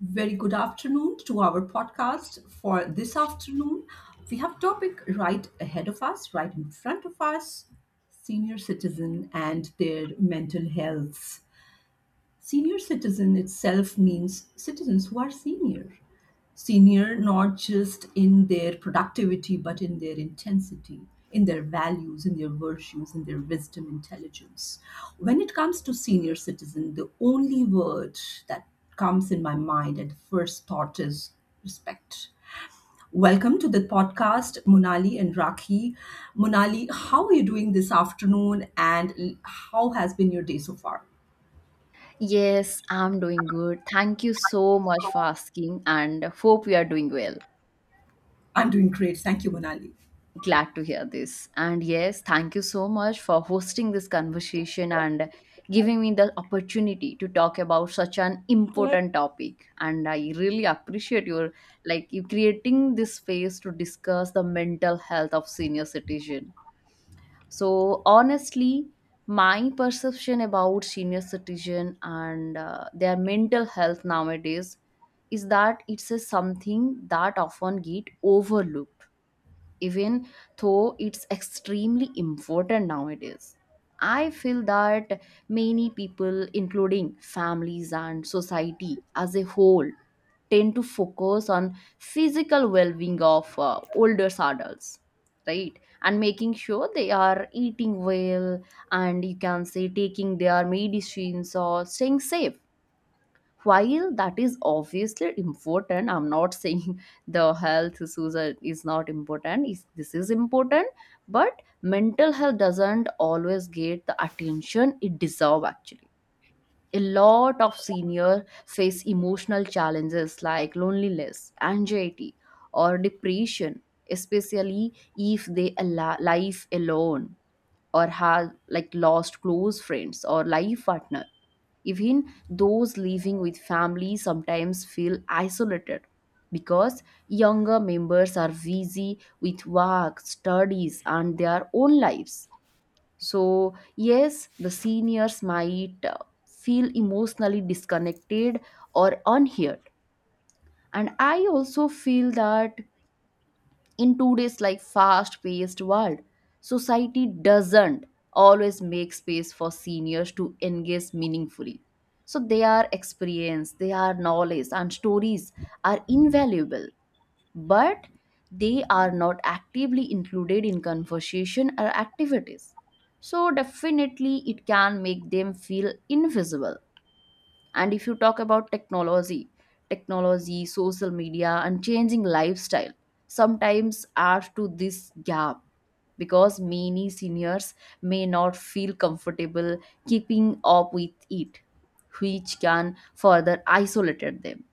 Very good afternoon to our podcast for this afternoon. We have topic right ahead of us, right in front of us, senior citizen and their mental health. Senior citizen itself means citizens who are senior not just in their productivity but in their intensity, in their values, in their virtues, in their wisdom, intelligence. When it comes to senior citizen, the only word that comes in my mind at first thought is respect. Welcome to the podcast, Monali and Raki. Monali, how are you doing this afternoon and how has been your day so far? Yes, I'm doing good. Thank you so much for asking and hope you are doing well. I'm doing great, thank you, Monali. Glad to hear this. And yes, thank you so much for hosting this conversation and giving me the opportunity to talk about such an Like, important topic. And I really appreciate you creating this space to discuss the mental health of senior citizen. So honestly, my perception about senior citizen and their mental health nowadays is that it's a something that often get overlooked, even though it's extremely important nowadays. I feel that many people, including families and society as a whole, tend to focus on physical well-being of older adults, right, and making sure they are eating well and you can say taking their medicines or staying safe. While that is obviously important, I'm not saying the is not important. Is this is important. But mental health doesn't always get the attention it deserves, actually. A lot of seniors face emotional challenges like loneliness, anxiety, or depression, especially if they live alone or have like lost close friends or life partner. Even those living with family sometimes feel isolated because younger members are busy with work, studies, and their own lives. So, yes, the seniors might feel emotionally disconnected or unheard. And I also feel that in today's like fast-paced world, society doesn't always make space for seniors to engage meaningfully. So their experience, their knowledge and stories are invaluable, but they are not actively included in conversation or activities. So, definitely, it can make them feel invisible. And if you talk about technology, social media, and changing lifestyle sometimes add to this gap, because many seniors may not feel comfortable keeping up with it, which can further isolate them.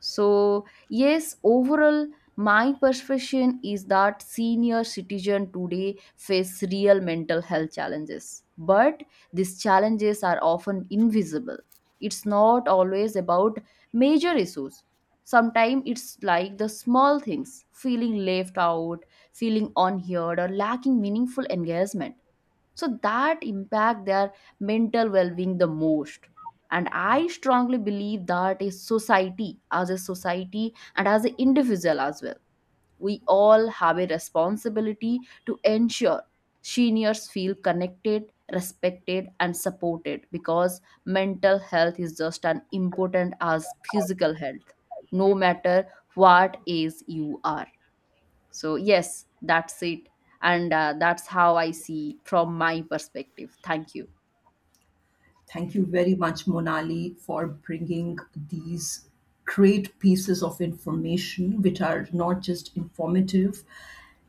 So, yes, overall, my perception is that senior citizen today face real mental health challenges, but these challenges are often invisible. It's not always about major issues. Sometimes it's like the small things: feeling left out, feeling unheard, or lacking meaningful engagement, so that impact their mental well-being the most. And I strongly believe that a society and as an individual as well, we all have a responsibility to ensure seniors feel connected, respected, and supported, because mental health is just as important as physical health, no matter what age you are. So, yes, that's it. And that's how I see from my perspective. Thank you. Thank you very much, Monali, for bringing these great pieces of information, which are not just informative,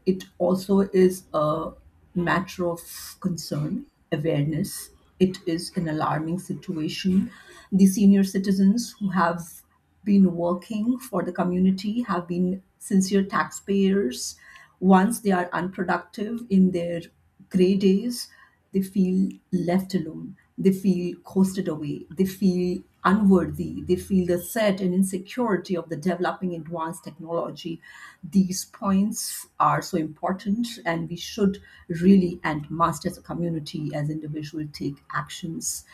it also is a matter of concern, awareness. It is an alarming situation. The senior citizens who have been working for the community have been sincere taxpayers. Once they are unproductive in their gray days, they feel left alone, they feel coasted away, they feel unworthy, they feel the set and insecurity of the developing advanced technology. These points are so important, and we should really and must, as a community, as individual, take actions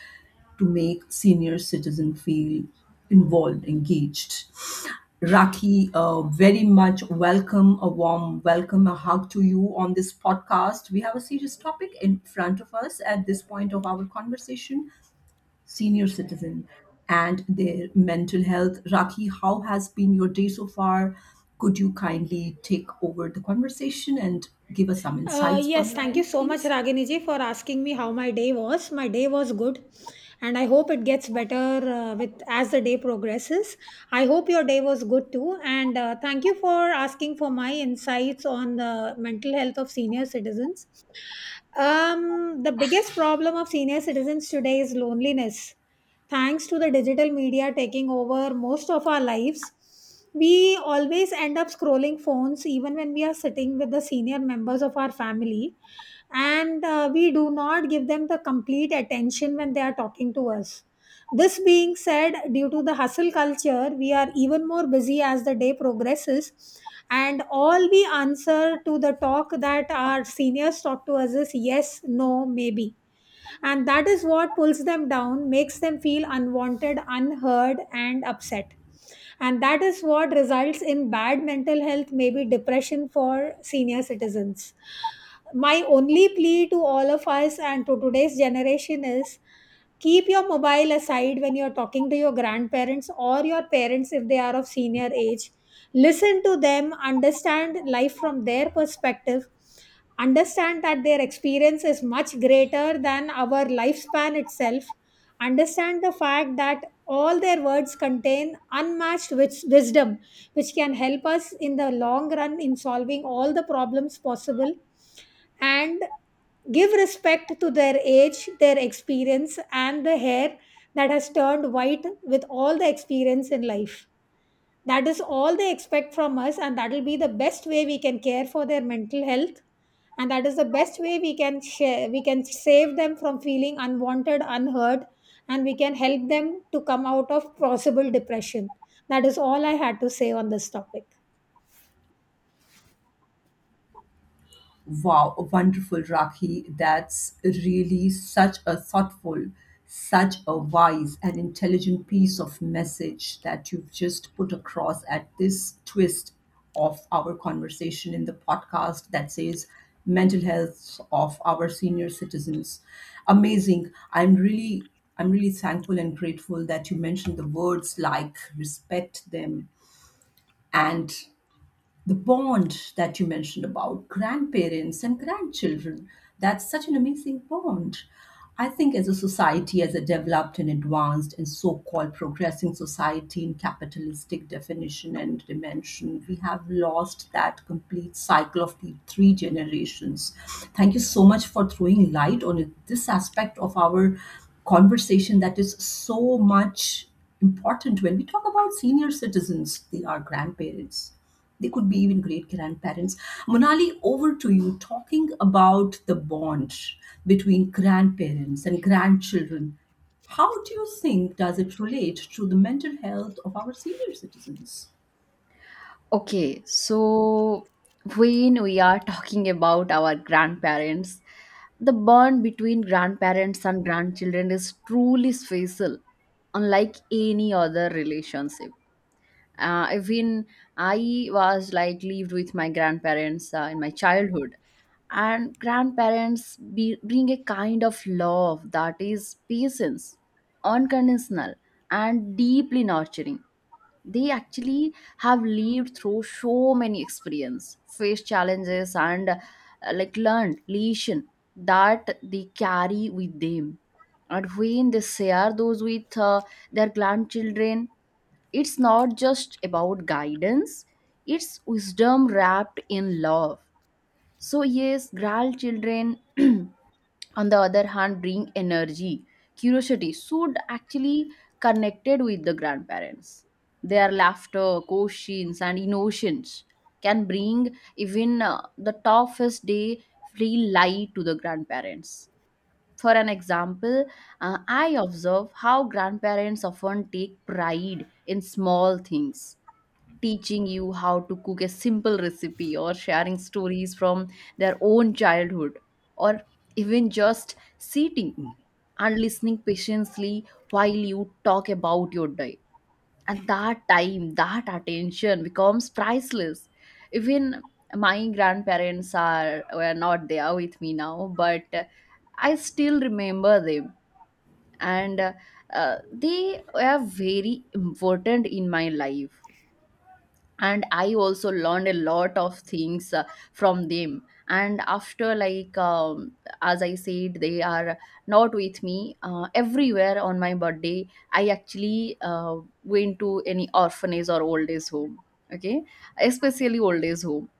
to make senior citizen feel involved, engaged. Raki, very much welcome, a warm welcome, a hug to you on this podcast. We have a serious topic in front of us at this point of our conversation, senior citizen and their mental health. Raki, how has been your day so far? Could you kindly take over the conversation and give us some insights from yes, your thank you end, so much, please? Ragini ji, for asking me how my day was. My day was good, and I hope it gets better with as the day progresses. I hope your day was good too, and thank you for asking for my insights on the mental health of senior citizens. The biggest problem of senior citizens today is loneliness. Thanks to the digital media taking over most of our lives, we always end up scrolling phones even when we are sitting with the senior members of our family. And we do not give them the complete attention when they are talking to us. This being said, due to the hustle culture, we are even more busy as the day progresses. And all we answer to the talk that our seniors talk to us is yes, no, maybe, and that is what pulls them down, makes them feel unwanted, unheard, and upset. And that is what results in bad mental health, maybe depression for senior citizens. My only plea to all of us and to today's generation is: keep your mobile aside when you're talking to your grandparents or your parents if they are of senior age. Listen to them, understand life from their perspective. Understand that their experience is much greater than our lifespan itself. Understand the fact that all their words contain unmatched wisdom, which can help us in the long run in solving all the problems possible. And give respect to their age, their experience, and the hair that has turned white with all the experience in life. That is all they expect from us, and that will be the best way we can care for their mental health. And that is the best way we can share, we can save them from feeling unwanted, unheard, and we can help them to come out of possible depression. That is all I had to say on this topic. Wow, wonderful, Rakhi. That's really such a thoughtful, such a wise and intelligent piece of message that you've just put across at this twist of our conversation in the podcast that says mental health of our senior citizens. Amazing. I'm really thankful and grateful that you mentioned the words like respect them, and the bond that you mentioned about grandparents and grandchildren, that's such an amazing bond. I think as a society, as a developed and advanced and so-called progressing society in capitalistic definition and dimension, we have lost that complete cycle of the three generations. Thank you so much for throwing light on this aspect of our conversation, that is so much important. When we talk about senior citizens, they are grandparents, they could be even great grandparents. Monali, over to you, talking about the bond between grandparents and grandchildren. How do you think does it relate to the mental health of our senior citizens? Okay, so when we are talking about our grandparents, the bond between grandparents and grandchildren is truly special, unlike any other relationship. Even I was like lived with my grandparents in my childhood, and grandparents bring a kind of love that is patience, unconditional, and deeply nurturing. They actually have lived through so many experience, faced challenges, and like learned lesson that they carry with them. And when they share those with their grandchildren, it's not just about guidance, it's wisdom wrapped in love. So yes, grandchildren on the other hand bring energy, curiosity, should actually connected with the grandparents. Their laughter, questions, and emotions can bring even the toughest day feel light to the grandparents. For an example, I observe how grandparents often take pride in small things: teaching you how to cook a simple recipe or sharing stories from their own childhood, or even just sitting and listening patiently while you talk about your day. And that time, that attention becomes priceless. Even my grandparents are were not there with me now, but I still remember them. And they were very important in my life. And I also learned a lot of things from them. And after like as I said, they are not with me. Everywhere on my birthday, I actually went to any orphanage or old age home. Okay, especially old age home.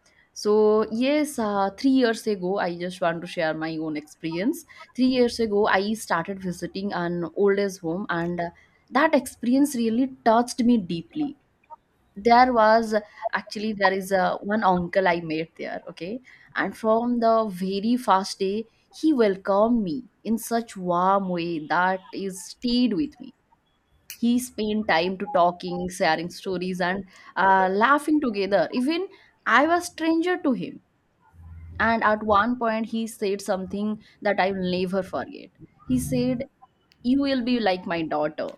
So yes, 3 years ago, I just want to share my own experience. 3 years ago I started visiting an old age home, and that experience really touched me deeply. There was, actually there is a one uncle I met there, okay, and from the very first day he welcomed me in such warm way that is stayed with me. He spent time to talking, sharing stories, and laughing together, even I was stranger to him. And at one point he said something that I will never forget. He said, "You will be like my daughter."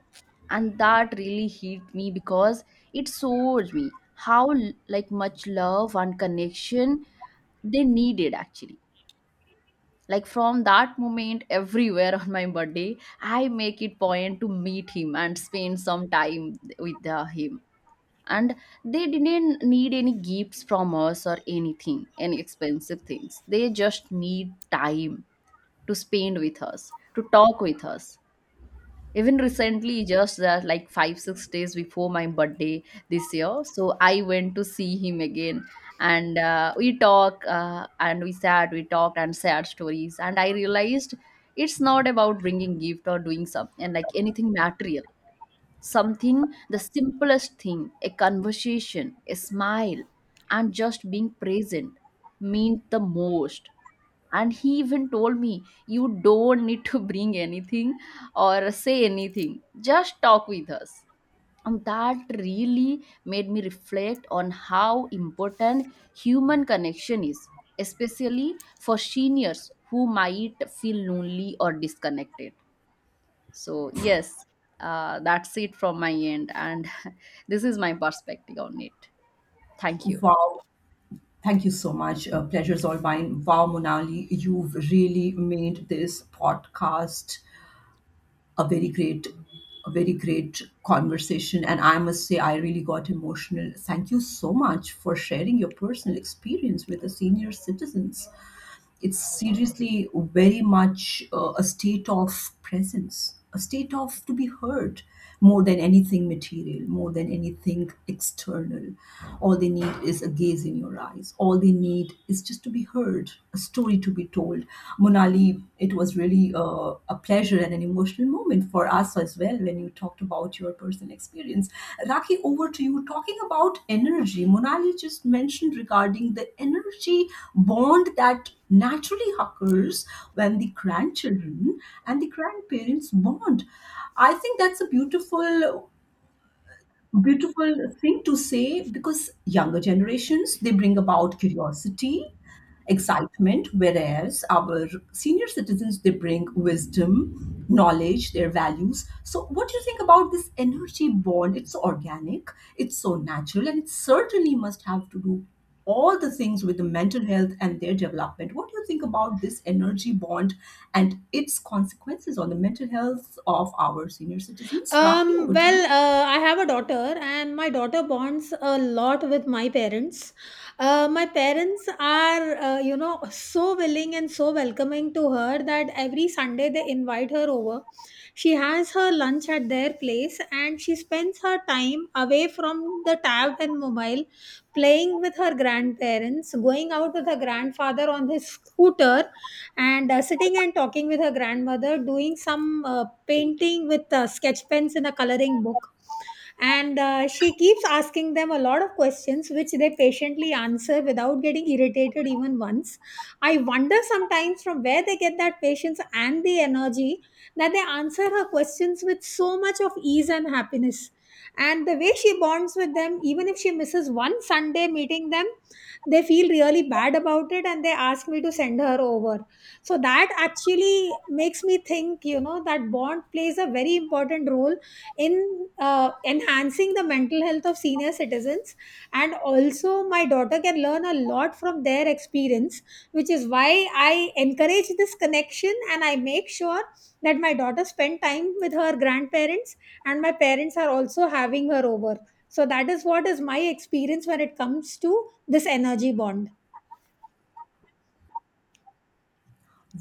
And that really hit me, because it shows me how like much love and connection they needed, actually. Like, from that moment, everywhere on my birthday I make it point to meet him and spend some time with him. And they didn't need any gifts from us or anything, any expensive things. They just need time to spend with us, to talk with us. Even recently, just that like 5-6 days before my birthday this year, so I went to see him again. And we talk, and we sat, we talked and shared stories, and I realized it's not about bringing gift or doing something and like anything material. Something, the simplest thing, a conversation, a smile, and just being present meant the most. And he even told me, "You don't need to bring anything or say anything, just talk with us." And that really made me reflect on how important human connection is, especially for seniors who might feel lonely or disconnected. So, yes, that's it from my end. And this is my perspective on it. Thank you. Wow. Thank you so much. Pleasure's all mine. Wow, Monali, you've really made this podcast a very great a very great conversation, and I must say I really got emotional. Thank you so much for sharing your personal experience with the senior citizens. It's seriously very much a state of presence, a state of to be heard, more than anything material, more than anything external. All they need is a gaze in your eyes. All they need is just to be heard, a story to be told. Monali, it was really a pleasure and an emotional moment for us as well when you talked about your personal experience. Raki, over to you. Talking about energy, Monali just mentioned regarding the energy bond that naturally occurs when the grandchildren and the grandparents bond. I think that's a beautiful thing to say, because younger generations, they bring about curiosity, excitement, whereas our senior citizens, they bring wisdom, knowledge, their values. So what do you think about this energy bond? It's so organic, it's so natural, and it certainly must have to do all the things with the mental health and their development. What do you think about this energy bond and its consequences on the mental health of our senior citizens? Rakhi, Um, over to well, you. uh, I have a daughter, and my daughter bonds a lot with my parents. My parents are, so willing and so welcoming to her that every Sunday they invite her over. She has her lunch at their place, and she spends her time away from the tab and mobile, playing with her grandparents, going out with her grandfather on his scooter, and sitting and talking with her grandmother, doing some painting with sketch pens in a coloring book. And she keeps asking them a lot of questions, which they patiently answer without getting irritated even once. I wonder sometimes from where they get that patience and the energy that they answer her questions with so much of ease and happiness. And the way she bonds with them, even if she misses one Sunday meeting them, they feel really bad about it and they ask me to send her over. So that actually makes me think, you know, that bond plays a very important role in enhancing the mental health of senior citizens. And also my daughter can learn a lot from their experience, which is why I encourage this connection and I make sure that my daughter spend time with her grandparents, and my parents are also having her over. So that is what is my experience when it comes to this energy bond.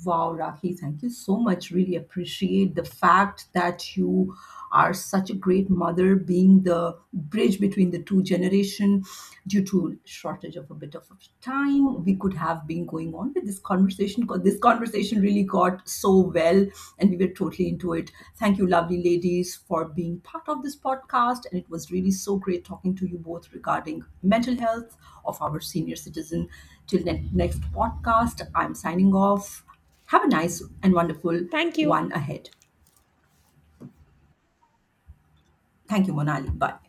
Wow, Rakhi, thank you so much. Really appreciate the fact that you are such a great mother, being the bridge between the two generation. Due to shortage of a bit of time, we could have been going on with this conversation. 'Cause this conversation really got so well and we were totally into it. Thank you, lovely ladies, for being part of this podcast. And it was really so great talking to you both regarding mental health of our senior citizen. Till next podcast, I'm signing off. Have a nice and wonderful Thank one you. ahead. Thank you, Monali. Bye.